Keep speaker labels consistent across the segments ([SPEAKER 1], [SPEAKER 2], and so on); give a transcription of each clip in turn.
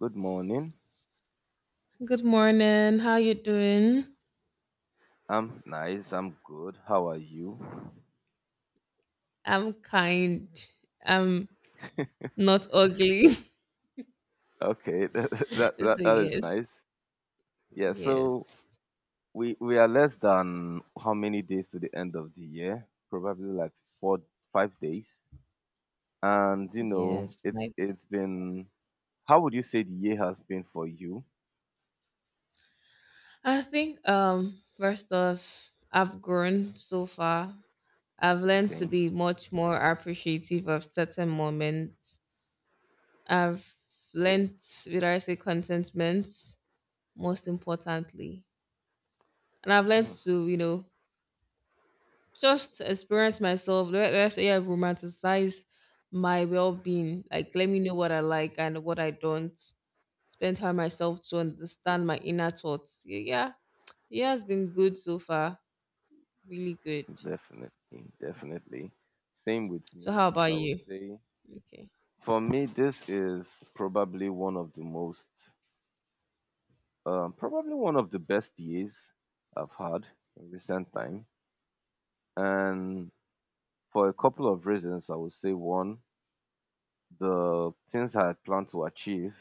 [SPEAKER 1] Good morning.
[SPEAKER 2] Good morning. How you doing?
[SPEAKER 1] I'm nice. I'm good. How are you?
[SPEAKER 2] I'm kind. I'm not ugly.
[SPEAKER 1] Okay, that that, that
[SPEAKER 2] So
[SPEAKER 1] that is
[SPEAKER 2] yes,
[SPEAKER 1] nice. Yeah,
[SPEAKER 2] yes,
[SPEAKER 1] so we are less than how many days to the end of the year? Probably like four, 5 days. And
[SPEAKER 2] yes.
[SPEAKER 1] it's
[SPEAKER 2] Like
[SPEAKER 1] it's been. How would you say the year has been for you?
[SPEAKER 2] I think first off, I've grown so far. I've learned to
[SPEAKER 1] Okay.
[SPEAKER 2] be much more appreciative of certain moments. I've learned, would I say contentment, most importantly. And I've learned
[SPEAKER 1] Mm.
[SPEAKER 2] to, just experience myself. Let's say I romanticize my well being. Like, let me know what I like and what I don't. Spend time myself to understand my inner thoughts. Yeah, yeah, it's been good so far. Really good.
[SPEAKER 1] Definitely, definitely. Same with
[SPEAKER 2] So,
[SPEAKER 1] me.
[SPEAKER 2] how about
[SPEAKER 1] I would
[SPEAKER 2] you?
[SPEAKER 1] say
[SPEAKER 2] Okay.
[SPEAKER 1] for me, this is probably one of the most probably one of the best years I've had in recent time. And for a couple of reasons, I would say one, the things I had planned to achieve,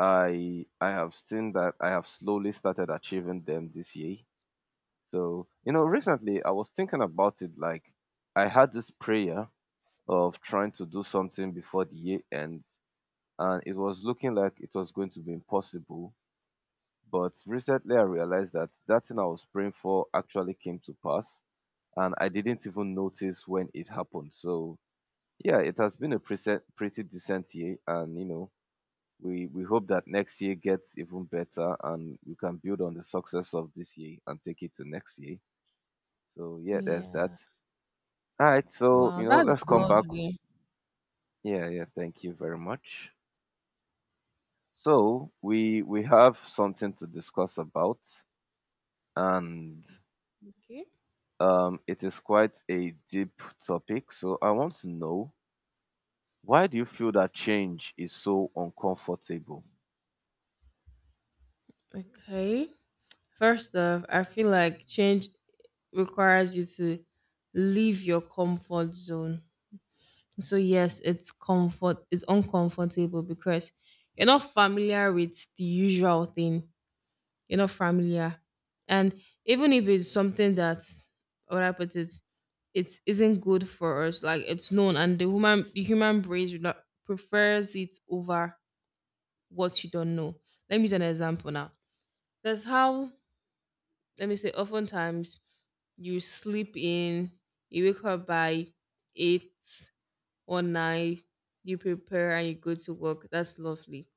[SPEAKER 1] I have seen that I have slowly started achieving them this year. So, recently I was thinking about it like I had this prayer of trying to do something before the year ends, and it was looking like it was going to be impossible. But recently I realized that that thing I was praying for actually came to pass, and I didn't even notice when it happened. So yeah, it has been a pretty decent year, and we hope that next year gets even better and we can build on the success of this year and take it to next year. So yeah, there's that.
[SPEAKER 2] Yeah.
[SPEAKER 1] All right, so
[SPEAKER 2] Wow, that's
[SPEAKER 1] let's come back.
[SPEAKER 2] lovely.
[SPEAKER 1] Yeah, yeah, thank you very much. So we have something to discuss about, and
[SPEAKER 2] Okay.
[SPEAKER 1] It is quite a deep topic, so I want to know, why do you feel that change is so uncomfortable?
[SPEAKER 2] Okay. First off, I feel like change requires you to leave your comfort zone. So yes, it's uncomfortable because you're not familiar with the usual thing. You're not familiar. And even if it's something that, how would I put it, it isn't good for us, like it's known and the human brain do not- prefers it over what you don't know. Let me use an example now. That's how, let me say, oftentimes you sleep in, you wake up by 8 One night you prepare and you go to work. That's lovely.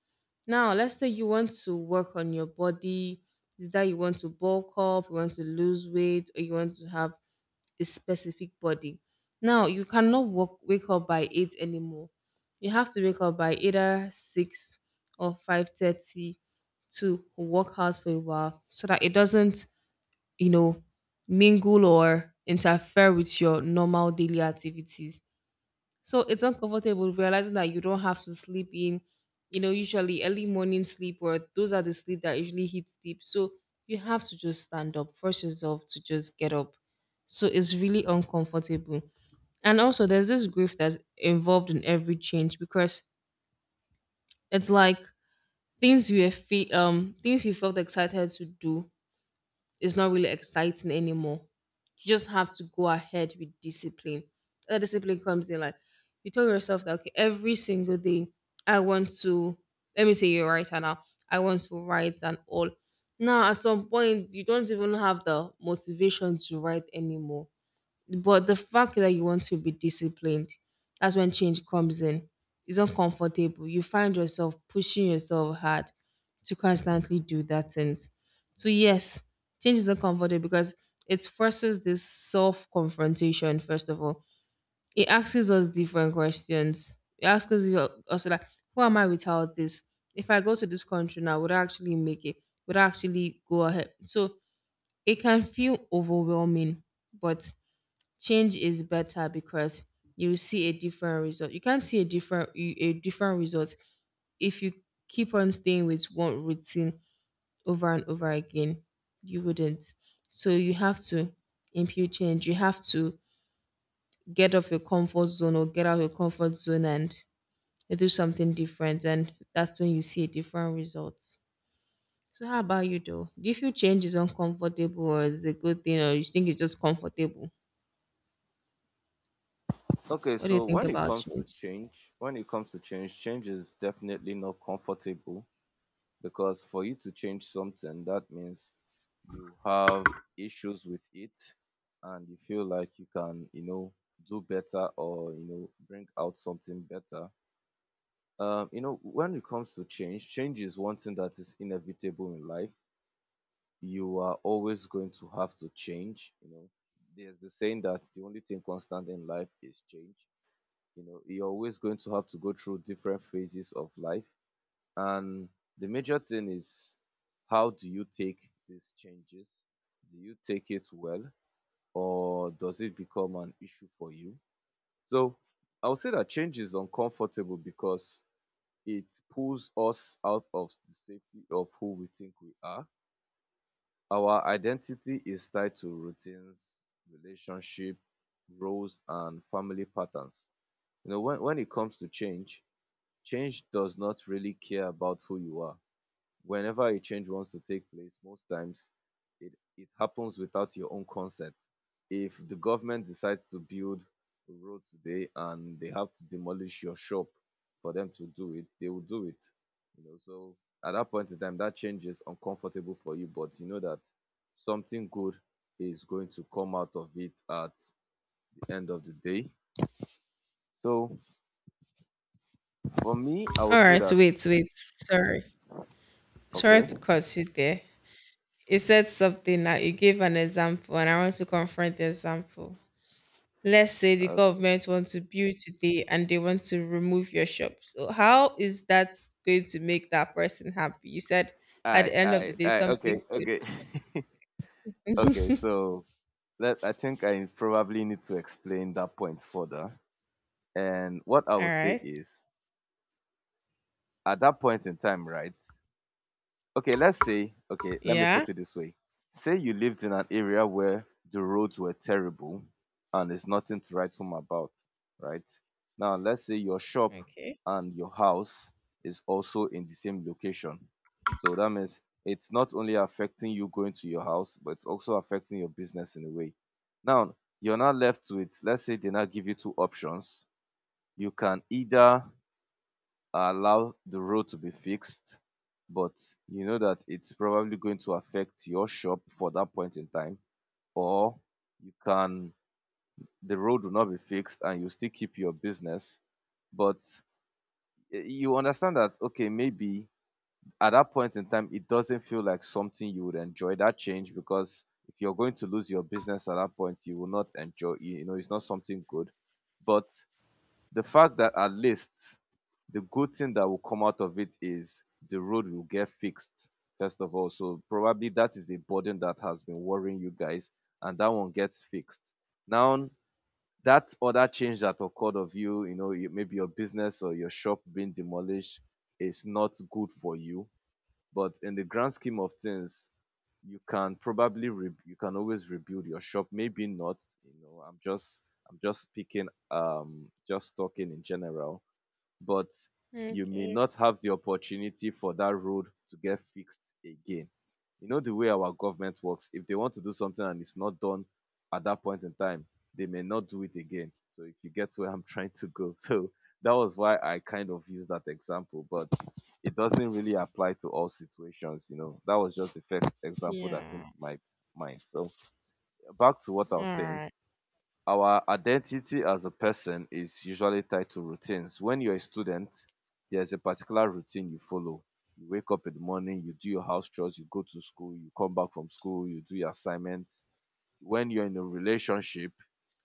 [SPEAKER 2] Now, let's say you want to work on your body, is that you want to bulk up, you want to lose weight, or you want to have a specific body. Now, you cannot wake up by 8 anymore. You have to wake up by either 6 or 5:30 to work out for a while so that it doesn't, you know, mingle or interfere with your normal daily activities. So it's uncomfortable realizing that you don't have to sleep in, usually early morning sleep or those are the sleep that usually hits deep. So you have to just stand up, force yourself to just get up. So it's really uncomfortable. And also there's this grief that's involved in every change because it's like things you have things you felt excited to do, it's not really exciting anymore. You just have to go ahead with discipline. That discipline comes in like you tell yourself that okay, every single day I want to let me say you're a writer now. I want to write and all. Now at some point you don't even have the motivation to write anymore. But the fact that you want to be disciplined, that's when change comes in. It's uncomfortable. You find yourself pushing yourself hard to constantly do that things. So yes, change is uncomfortable because it forces this self-confrontation, first of all. It asks us different questions. It asks us also like, who am I without this? If I go to this country now, would I actually make it? Would I actually go ahead? So it can feel overwhelming, but change is better because you will see a different result. You can't see a different result if you keep on staying with one routine over and over again. You wouldn't. So you have to impute change. You have to get off your comfort zone or get out of your comfort zone and do something different. And that's when you see a different result. So how about you though? Do you feel change is uncomfortable or is a good thing or you think it's just comfortable?
[SPEAKER 1] Okay,
[SPEAKER 2] What do you
[SPEAKER 1] so
[SPEAKER 2] think
[SPEAKER 1] when it
[SPEAKER 2] about
[SPEAKER 1] comes to
[SPEAKER 2] change?
[SPEAKER 1] change, when it comes to change, change is definitely not comfortable because for you to change something, that means you have issues with it, and you feel like you can, do better, or, bring out something better. When it comes to change, change is one thing that is inevitable in life. You are always going to have to change. You know there's the saying that the only thing constant in life is change. You know you're always going to have to go through different phases of life. And the major thing is, how do you take these changes? Do you take it well, or does it become an issue for you? So I would say that change is uncomfortable because it pulls us out of the safety of who we think we are. Our identity is tied to routines, relationship, roles, and family patterns. You know, when it comes to change, change does not really care about who you are. Whenever a change wants to take place, most times it happens without your own consent. If the government decides to build a road today and they have to demolish your shop for them to do it, they will do it. You know, so at that point in time, that change is uncomfortable for you, but you know that something good is going to come out of it at the end of the day. So for me, I
[SPEAKER 2] All
[SPEAKER 1] would say
[SPEAKER 2] right,
[SPEAKER 1] that
[SPEAKER 2] wait, wait. Sorry. Sorry
[SPEAKER 1] okay,
[SPEAKER 2] to cut you there. You said something now. You gave an example, and I want to confront the example. Let's say the
[SPEAKER 1] okay,
[SPEAKER 2] government wants to build today and they want to remove your shop. So, how is that going to make that person happy? You said at the end of the day, something
[SPEAKER 1] okay,
[SPEAKER 2] good.
[SPEAKER 1] okay. Okay, so let I think I probably need to explain that point further. And what I
[SPEAKER 2] All
[SPEAKER 1] will say
[SPEAKER 2] right.
[SPEAKER 1] is, at that point in time, right? Okay, let's say, okay, let me
[SPEAKER 2] Yeah.
[SPEAKER 1] put it this way. Say you lived in an area where the roads were terrible and there's nothing to write home about, right? Now, let's say your shop
[SPEAKER 2] Okay.
[SPEAKER 1] and your house is also in the same location. So that means it's not only affecting you going to your house, but it's also affecting your business in a way. Now, you're not left with, let's say they now give you two options. You can either allow the road to be fixed, but you know that it's probably going to affect your shop for that point in time, or you can the road will not be fixed and you still keep your business, but eh, you understand that okay, maybe at that point in time it doesn't feel like something you would enjoy that change, because if you're going to lose your business at that point, you will not enjoy. You know, it's not something good. But the fact that at least the good thing that will come out of it is the road will get fixed first of all, so probably that is a burden that has been worrying you guys, and that one gets fixed now. That other change that occurred of maybe your business or your shop being demolished is not good for you, but in the grand scheme of things, you can probably you can always rebuild your shop. Maybe not, you know. I'm just speaking just talking in general, but you may
[SPEAKER 2] Okay.
[SPEAKER 1] not have the opportunity for that road to get fixed again. You know the way our government works. If they want to do something and it's not done at that point in time, they may not do it again. So if you get where I'm trying to go. So that was why I kind of used that example, but it doesn't really apply to all situations, you know. That was just the first example that came
[SPEAKER 2] Yeah.
[SPEAKER 1] to my mind. So back to what I
[SPEAKER 2] All
[SPEAKER 1] was saying,
[SPEAKER 2] right.
[SPEAKER 1] our identity as a person is usually tied to routines. When you're a student, there's a particular routine you follow. You wake up in the morning, you do your house chores, you go to school, you come back from school, you do your assignments. When you're in a relationship,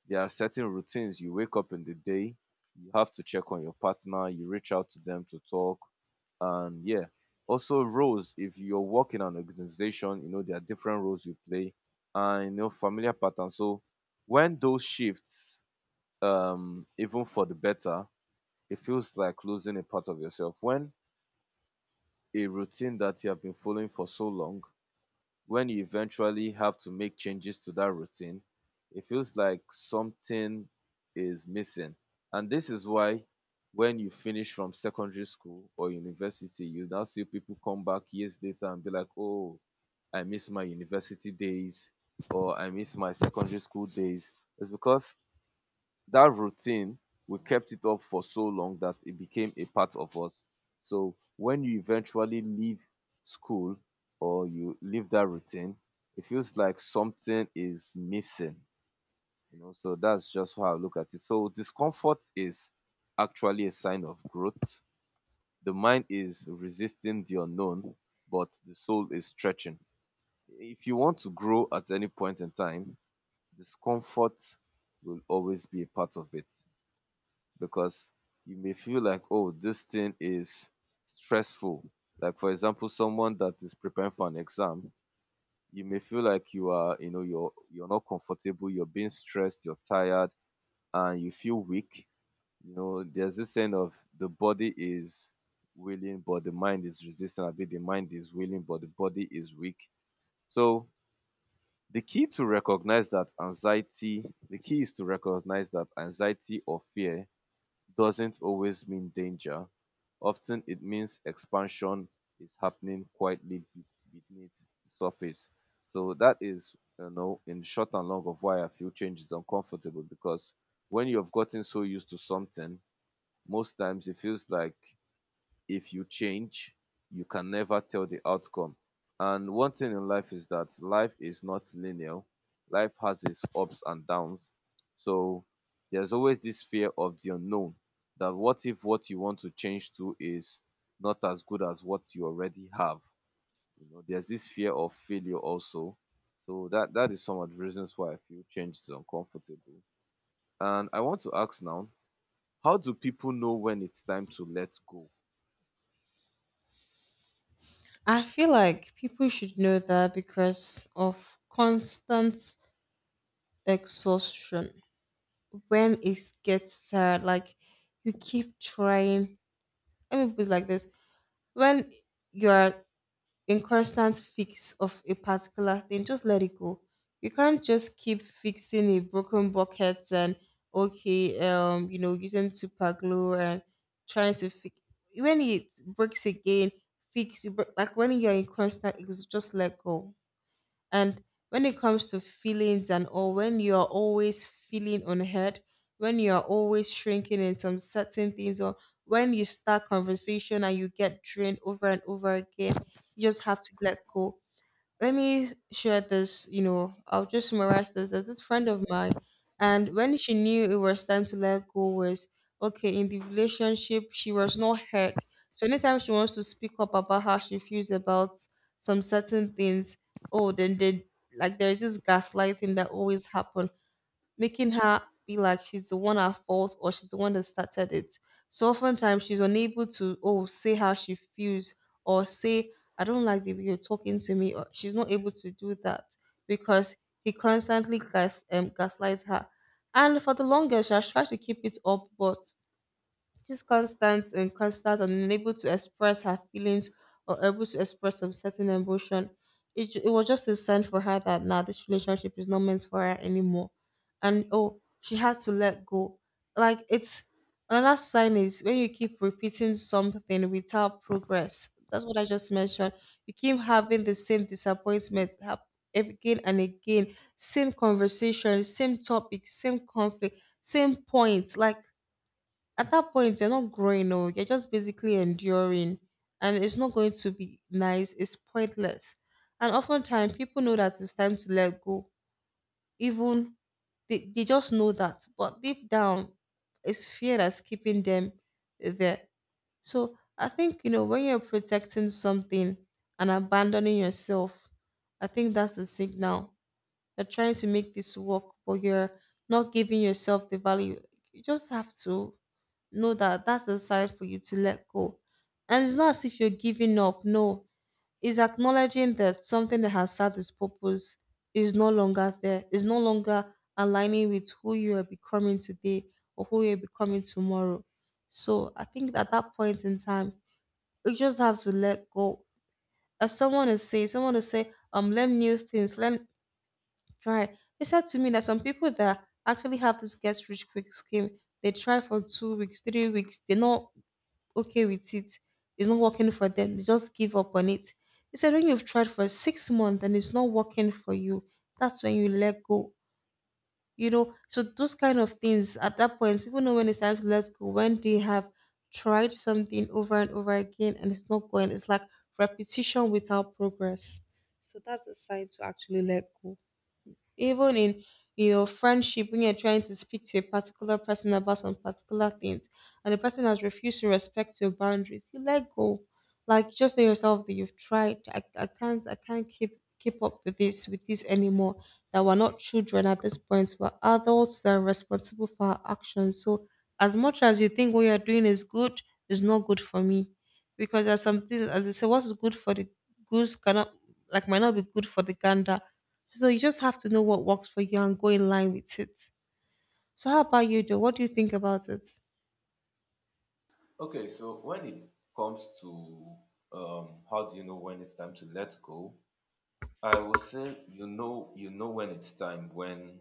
[SPEAKER 1] there are certain routines. You wake up in the day, you have to check on your partner, you reach out to them to talk, and yeah. Also, roles. If you're working in an organization, you know there are different roles you play, and you know familiar patterns. So when those shifts even for the better, it feels like losing a part of yourself. When a routine that you have been following for so long, when you eventually have to make changes to that routine, it feels like something is missing. And this is why when you finish from secondary school or university, you now see people come back years later and be like, oh, I miss my university days or I miss my secondary school days. It's because that routine we kept it up for so long that it became a part of us, so when you eventually leave school or you leave that routine, it feels like something is missing, you know. So that's just how I look at it. So discomfort is actually a sign of growth. The mind is resisting the unknown, but the soul is stretching. If you want to grow at any point in time, discomfort will always be a part of it. Because you may feel like, oh, this thing is stressful. Like for example, someone that is preparing for an exam, you may feel like you are, you're not comfortable, you're being stressed, you're tired, and you feel weak. You know, there's this sense of the body is willing, but the mind is resistant. I mean, the mind is willing, but the body is weak. So the key is to recognize that anxiety or fear doesn't always mean danger. Often it means expansion is happening quietly beneath the surface. So that is, you know, in short and long of why I feel change is uncomfortable, because when you have gotten so used to something, most times it feels like if you change, you can never tell the outcome. And one thing in life is that life is not linear. Life has its ups and downs. So there's always this fear of the unknown, that what if what you want to change to is not as good as what you already have? You know, there's this fear of failure also. So that is some of the reasons why I feel change is uncomfortable. And I want to ask now, how do people know when it's time to let go?
[SPEAKER 2] I feel like people should know that because of constant exhaustion. When it gets sad, like you keep trying. Let me put it like this: when you are in constant fix of a particular thing, just let it go. You can't just keep fixing a broken bucket and okay, using super glue and trying to fix. When it breaks again, fix it. Like when you're in constant, it's just let go. And when it comes to feelings and all, when you are always feeling unheard, when you are always shrinking in some certain things, or when you start conversation and you get drained over and over again, you just have to let go. Let me share this, I'll just summarize this. There's this friend of mine, and when she knew it was time to let go was okay. In the relationship she was not hurt, so anytime she wants to speak up about how she feels about some certain things, oh then, like, there's this gaslighting that always happens, making her be like she's the one at fault or she's the one that started it. So oftentimes she's unable to say how she feels or say I don't like the way you're talking to me, or she's not able to do that because he constantly gaslights her. And for the longest, she has tried to keep it up, but she's constant and constant and unable to express her feelings or able to express some certain emotion. It was just a sign for her that now this relationship is not meant for her anymore. And she had to let go. Like it's another sign is when you keep repeating something without progress. That's what I just mentioned. You keep having the same disappointment again and again, same conversation, same topic, same conflict, same point. Like at that point you're not growing, no, you're just basically enduring and it's not going to be nice, it's pointless. And oftentimes people know that it's time to let go, even they just know that, but deep down it's fear that's keeping them there. So I think, when you're protecting something and abandoning yourself, I think that's the signal. You're trying to make this work, but you're not giving yourself the value. You just have to know that that's the side for you to let go. And it's not as if you're giving up. No, it's acknowledging that something that has served its purpose is no longer there, is no longer aligning with who you are becoming today or who you're becoming tomorrow. So I think at that point in time, you just have to let go. As someone is saying, learn new things, learn, try. They said to me that some people that actually have this get rich quick scheme, they try for 2 weeks, 3 weeks, they're not okay with it. It's not working for them. They just give up on it. They said when you've tried for 6 months and it's not working for you, that's when you let go. You know, so those kind of things, at that point, people know when it's time to let go, when they have tried something over and over again and it's not going. It's like repetition without progress. So that's a sign to actually let go, even in friendship, when you're trying to speak to a particular person about some particular things and the person has refused to respect your boundaries, you let go. Like, just tell yourself that you've tried. I can't keep up with this anymore. That we're not children at this point, we're adults that are responsible for our actions. So as much as you think what you're doing is good, it's not good for me. Because there's something, as they say, what's good for the goose cannot like might not be good for the gander. So you just have to know what works for you and go in line with it. So how about you though? What do you think about it?
[SPEAKER 1] Okay, so when it comes to how do you know when it's time to let go? I will say you know when it's time when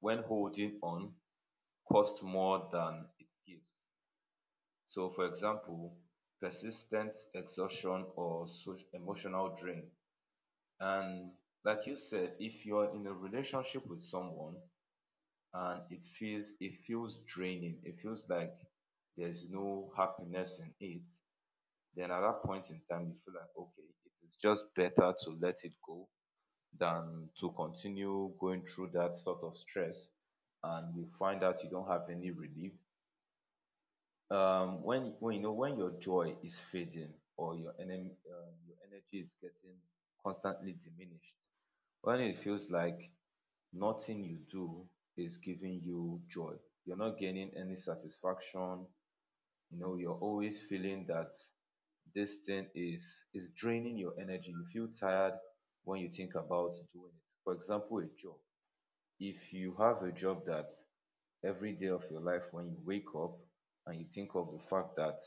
[SPEAKER 1] holding on costs more than it gives. So, for example, persistent exhaustion or so emotional drain. And like you said, if you're in a relationship with someone and it feels draining, it feels like there's no happiness in it, then at that point in time you feel like, okay, it is just better to let it go than to continue going through that sort of stress, and you find out you don't have any relief when you know when your joy is fading or your enemy your energy is getting constantly diminished, when it feels like nothing you do is giving you joy, you're not gaining any satisfaction, you know, you're always feeling that this thing is draining your energy. You feel tired when you think about doing it. For example, a job. If you have a job that every day of your life when you wake up and you think of the fact that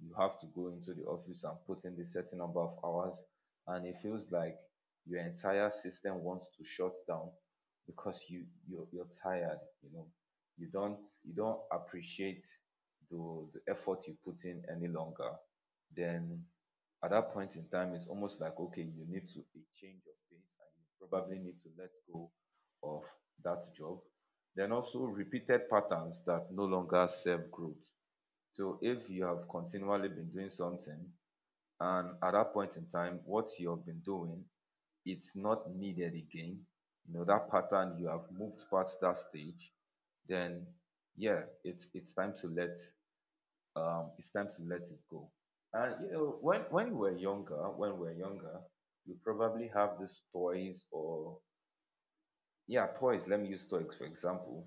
[SPEAKER 1] you have to go into the office and put in the certain number of hours, and it feels like your entire system wants to shut down because you're tired, you know, you don't appreciate the effort you put in any longer, then at that point in time it's almost like, okay, you need to a change of pace and you probably need to let go of that job. Then also repeated patterns that no longer serve growth. So if you have continually been doing something and at that point in time what you have been doing, it's not needed again, you know, that pattern, you have moved past that stage, then yeah, it's time to let it's time to let it go. And you know when we're younger, you probably have these toys or yeah, toys. Let me use toys for example.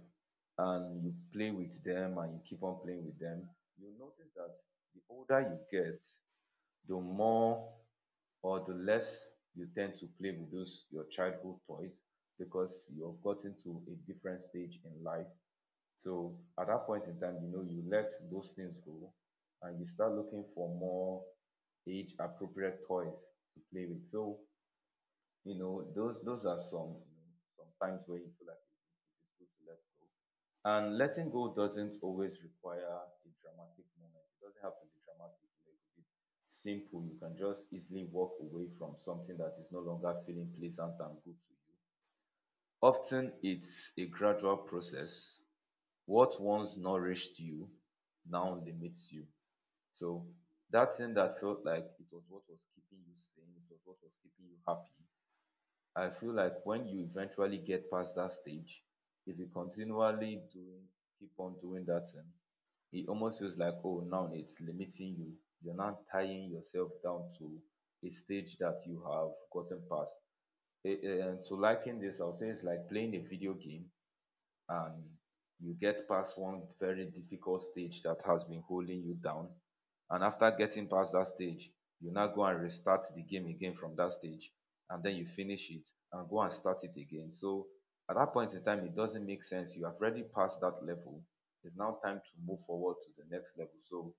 [SPEAKER 1] And you play with them and you keep on playing with them. You notice that the older you get, the more or the less you tend to play with those your childhood toys because you have gotten to a different stage in life. So at that point in time, you know, you let those things go and you start looking for more age appropriate toys to play with. So you know, those are some, you know, some times where you feel like it is good to let go. And letting go doesn't always require a dramatic moment. It doesn't have to be dramatic. You know, it could be simple. You can just easily walk away from something that is no longer feeling pleasant and good to you. Often it's a gradual process. What once nourished you now limits you. So that thing that felt like it was what was keeping you sane, it was what was keeping you happy, I feel like when you eventually get past that stage, if you continually doing, keep on doing that thing, it almost feels like, oh, now it's limiting you. You're now tying yourself down to a stage that you have gotten past. And to liken this, I'll say it's like playing a video game, and you get past one very difficult stage that has been holding you down. And after getting past that stage, you now go and restart the game again from that stage, and then you finish it and go and start it again. So at that point in time, it doesn't make sense. You have already passed that level. It's now time to move forward to the next level. So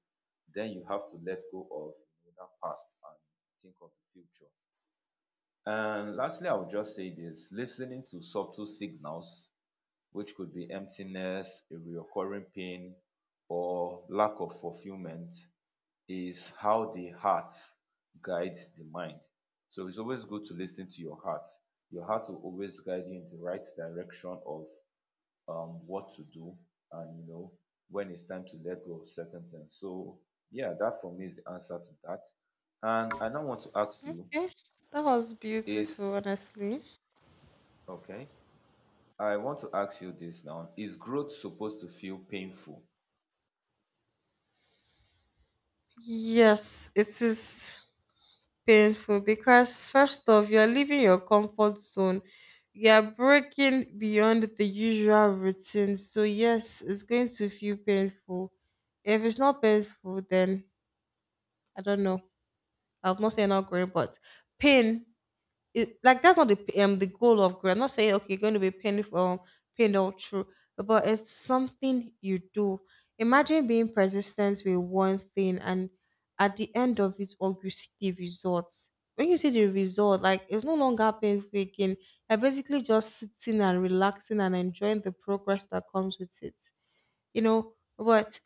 [SPEAKER 1] then you have to let go of that past and think of the future. And lastly, I would just say this, listening to subtle signals, which could be emptiness, a reoccurring pain, or lack of fulfillment, is how the heart guides the mind. So it's always good to listen to your heart. Your heart will always guide you in the right direction of what to do and you know when it's time to let go of certain things. So yeah, that for me is the answer to that. And I now want to ask you
[SPEAKER 2] Okay, that was beautiful,
[SPEAKER 1] is
[SPEAKER 2] honestly.
[SPEAKER 1] okay. I want to ask you this now. Is growth supposed to feel painful?
[SPEAKER 2] Yes, it is painful because, first off, you're leaving your comfort zone, you're breaking beyond the usual routine. So, yes, it's going to feel painful. If it's not painful, then I don't know. I've not said not growing, but pain, it like, that's not the goal of growth. I'm not saying okay, you're going to be painful, pain all through, but it's something you do. Imagine being persistent with one thing, and at the end of it, all you see the results. When you see the result, like it's no longer painful again. You're basically just sitting and relaxing and enjoying the progress that comes with it. You know, but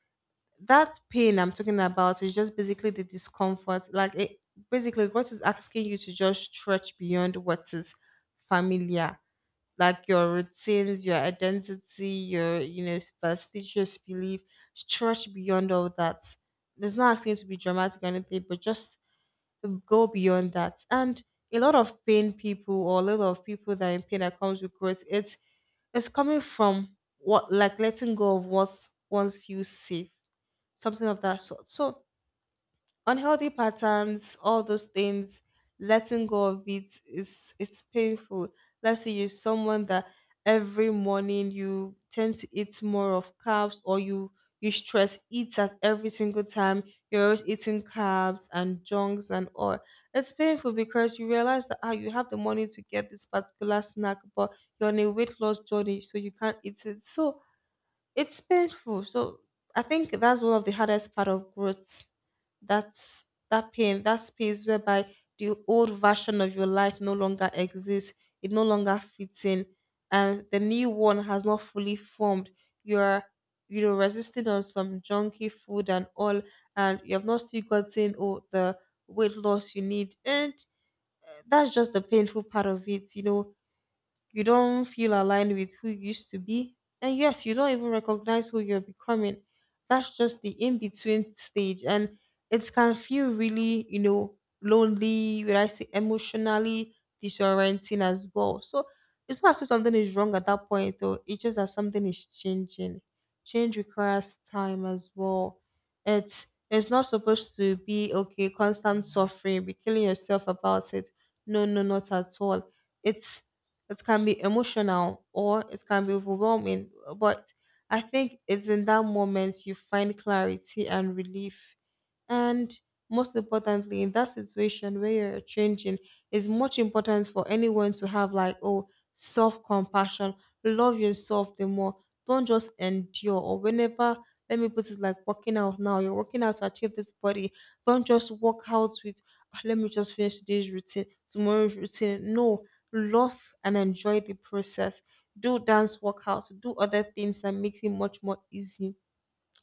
[SPEAKER 2] that pain I'm talking about is just basically the discomfort. Like it basically God is asking you to just stretch beyond what is familiar. Like your routines, your identity, your, superstitious belief, stretch beyond all that. It's not asking you to be dramatic or anything, but just go beyond that. And a lot of people that are in pain that comes with growth, it's coming from what like letting go of what's once feels safe. Something of that sort. So unhealthy patterns, all those things, letting go of it is it's painful. Let's say you're someone that every morning you tend to eat more of carbs or you stress eat at every single time. You're always eating carbs and junks and all. It's painful because you realize that you have the money to get this particular snack, but you're on a weight loss journey, so you can't eat it. So it's painful. So I think that's one of the hardest part of growth. That's that pain, that space whereby the old version of your life no longer exists, it no longer fits in, and the new one has not fully formed. You're resisting on some junky food and all, and you have not still gotten the weight loss you need, and that's just the painful part of it. You know, you don't feel aligned with who you used to be. And yes, you don't even recognize who you're becoming. That's just the in between stage. And it can feel really, lonely, would I say emotionally disorienting as well. So it's not as if something is wrong at that point, though. It's just that something is changing. Change requires time as well. It's not supposed to be okay, constant suffering, be killing yourself about it. No, no, not at all. It's it can be emotional or it can be overwhelming, but I think it's in that moment you find clarity and relief. And most importantly, in that situation where you're changing, it's much important for anyone to have like, self compassion. Love yourself the more. Don't just endure or whenever. Let me put it like working out now. You're working out to achieve this body. Don't just work out with, let me just finish today's routine, tomorrow's routine." No, love and enjoy the process. Do dance workouts, do other things that makes it much more easy,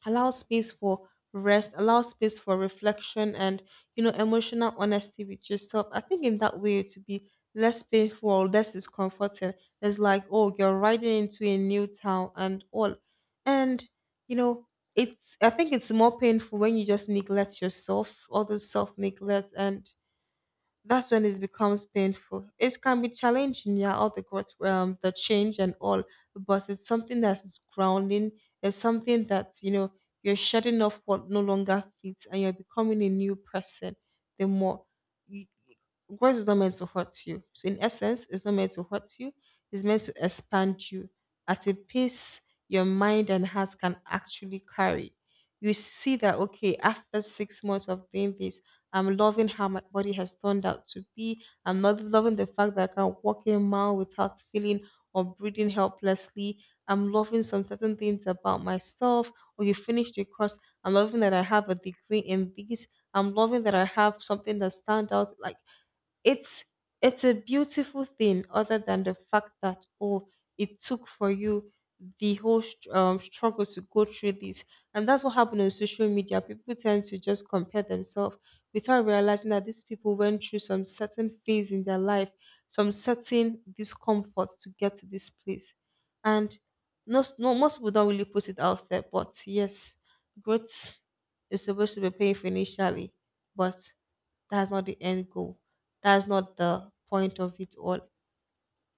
[SPEAKER 2] allow space for rest, allow space for reflection, and emotional honesty with yourself. I think in that way to be less painful or less discomforting. It's like you're riding into a new town and all. And you know it's I think it's more painful when you just neglect yourself, all the self neglect, and that's when it becomes painful. It can be challenging, yeah, all the growth, the change and all, but it's something that is grounding. It's something that you're shedding off what no longer fits, and you're becoming a new person. The more you- Growth is not meant to hurt you. So in essence, it's not meant to hurt you. It's meant to expand you at a pace your mind and heart can actually carry. You see that okay, after 6 months of doing this. I'm loving how my body has turned out to be. I'm not loving the fact that I can walk a mile without feeling or breathing helplessly. I'm loving some certain things about myself. Or you finished your course. I'm loving that I have a degree in this. I'm loving that I have something that stands out like it's it's a beautiful thing other than the fact that it took for you the whole struggle to go through this. And that's what happened on social media. People tend to just compare themselves without realizing that these people went through some certain phase in their life, some certain discomfort to get to this place. And no, no, most people don't really put it out there, but yes, growth is supposed to be painful initially, but that's not the end goal. That's not the point of it all.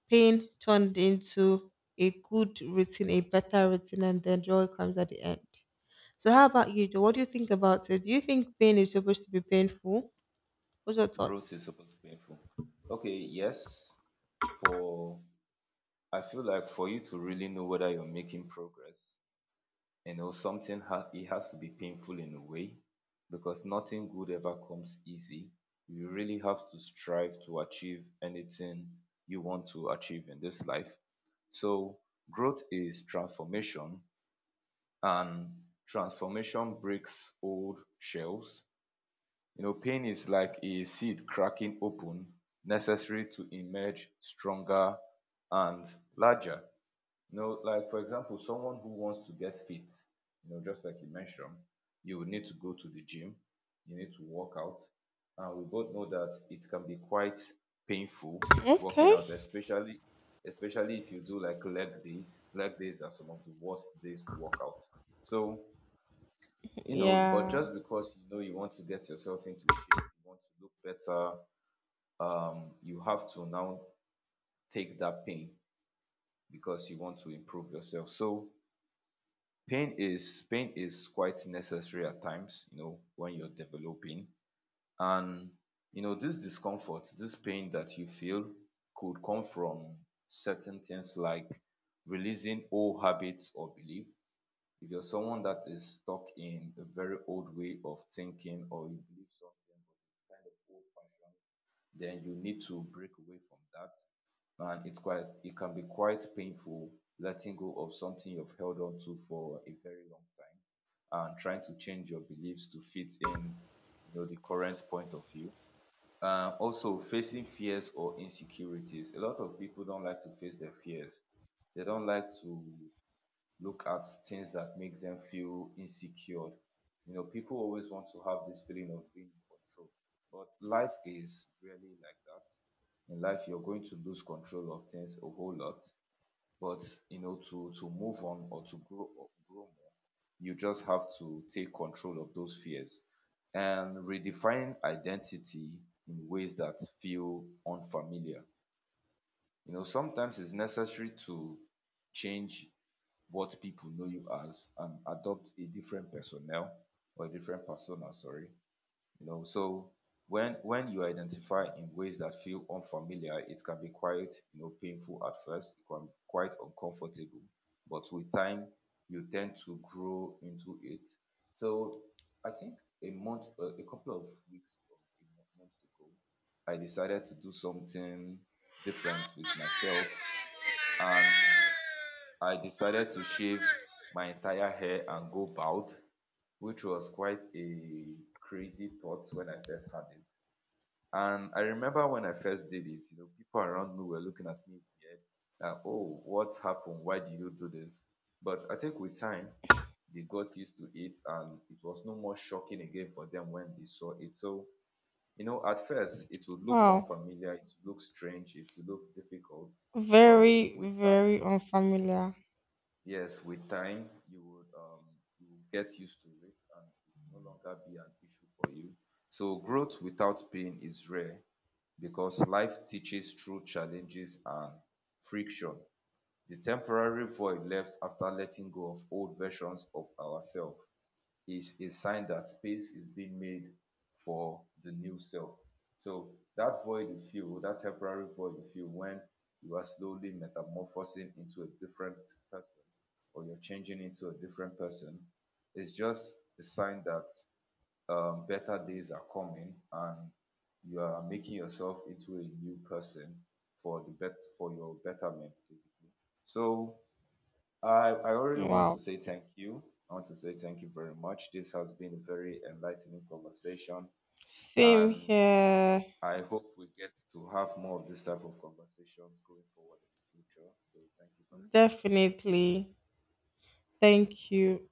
[SPEAKER 2] Pain turned into a good routine, a better routine, and then joy comes at the end. So, how about you, Joe? What do you think about it? Do you think pain is supposed to be painful? What's your
[SPEAKER 1] Growth
[SPEAKER 2] thoughts?
[SPEAKER 1] is supposed to be painful. Okay, yes. For I feel like for you to really know whether you're making progress, you know, it has to be painful in a way because nothing good ever comes easy. You really have to strive to achieve anything you want to achieve in this life. So, growth is transformation, and transformation breaks old shells. You know, pain is like a seed cracking open, necessary to emerge stronger and larger. You know, like for example, someone who wants to get fit, you know, just like you mentioned, you will need to go to the gym, you need to work out. And we both know that it can be quite painful working
[SPEAKER 2] Okay.
[SPEAKER 1] out, especially if you do like leg days. Leg days are some of the worst days to work out. So you know, but
[SPEAKER 2] Yeah.
[SPEAKER 1] just because you know you want to get yourself into shape, you want to look better, you have to now take that pain because you want to improve yourself. So pain is quite necessary at times, you know, when you're developing, and you know this discomfort, this pain that you feel could come from certain things like releasing old habits or belief. If you're someone that is stuck in a very old way of thinking, or you believe something but it's kind of old fashioned, then you need to break away from that. And it's quite, it can be quite painful letting go of something you've held on to for a very long time and trying to change your beliefs to fit in, you know, the current point of view. Also facing fears or insecurities. A lot of people don't like to face their fears. They don't like to look at things that make them feel insecure. You know, people always want to have this feeling of being in control, but life is really like that. In life, you're going to lose control of things a whole lot, but you know, to move on or to grow or grow more, you just have to take control of those fears and redefine identity in ways that feel unfamiliar. You know, sometimes it's necessary to change what people know you as and adopt a different personnel or a different persona, sorry, you know. So when you identify in ways that feel unfamiliar, it can be quite, you know, painful at first. It can be quite uncomfortable, but with time you tend to grow into it. So I think a month, a couple of weeks or a month, month ago, I decided to do something different with myself, and I decided to shave my entire hair and go bald, which was quite a crazy thought when I first had it. And I remember when I first did it, you know, people around me were looking at me weird, like, oh, what happened? Why did you do this? But I think with time, they got used to it and it was no more shocking again for them when they saw it. So, you know, at first, it would look
[SPEAKER 2] Wow.
[SPEAKER 1] unfamiliar, it would look strange, it would look difficult, but
[SPEAKER 2] Very,
[SPEAKER 1] with time,
[SPEAKER 2] very unfamiliar.
[SPEAKER 1] yes, with time you would you will get used to it and it will no longer be an issue for you. So growth without pain is rare because life teaches through challenges and friction. The temporary void left after letting go of old versions of ourselves is a sign that space is being made for the new self. So that void you feel, that temporary void you feel when you are slowly metamorphosing into a different person or you're changing into a different person, is just a sign that better days are coming and you are making yourself into a new person for the bet, for your betterment, basically. So I already want to
[SPEAKER 2] Wow.
[SPEAKER 1] say thank you. I want to say thank you very much. This has been a very enlightening conversation,
[SPEAKER 2] Same
[SPEAKER 1] and
[SPEAKER 2] here.
[SPEAKER 1] I hope we get to have more of this type of conversations going forward in the future. So, thank you very much.
[SPEAKER 2] Definitely. Thank you.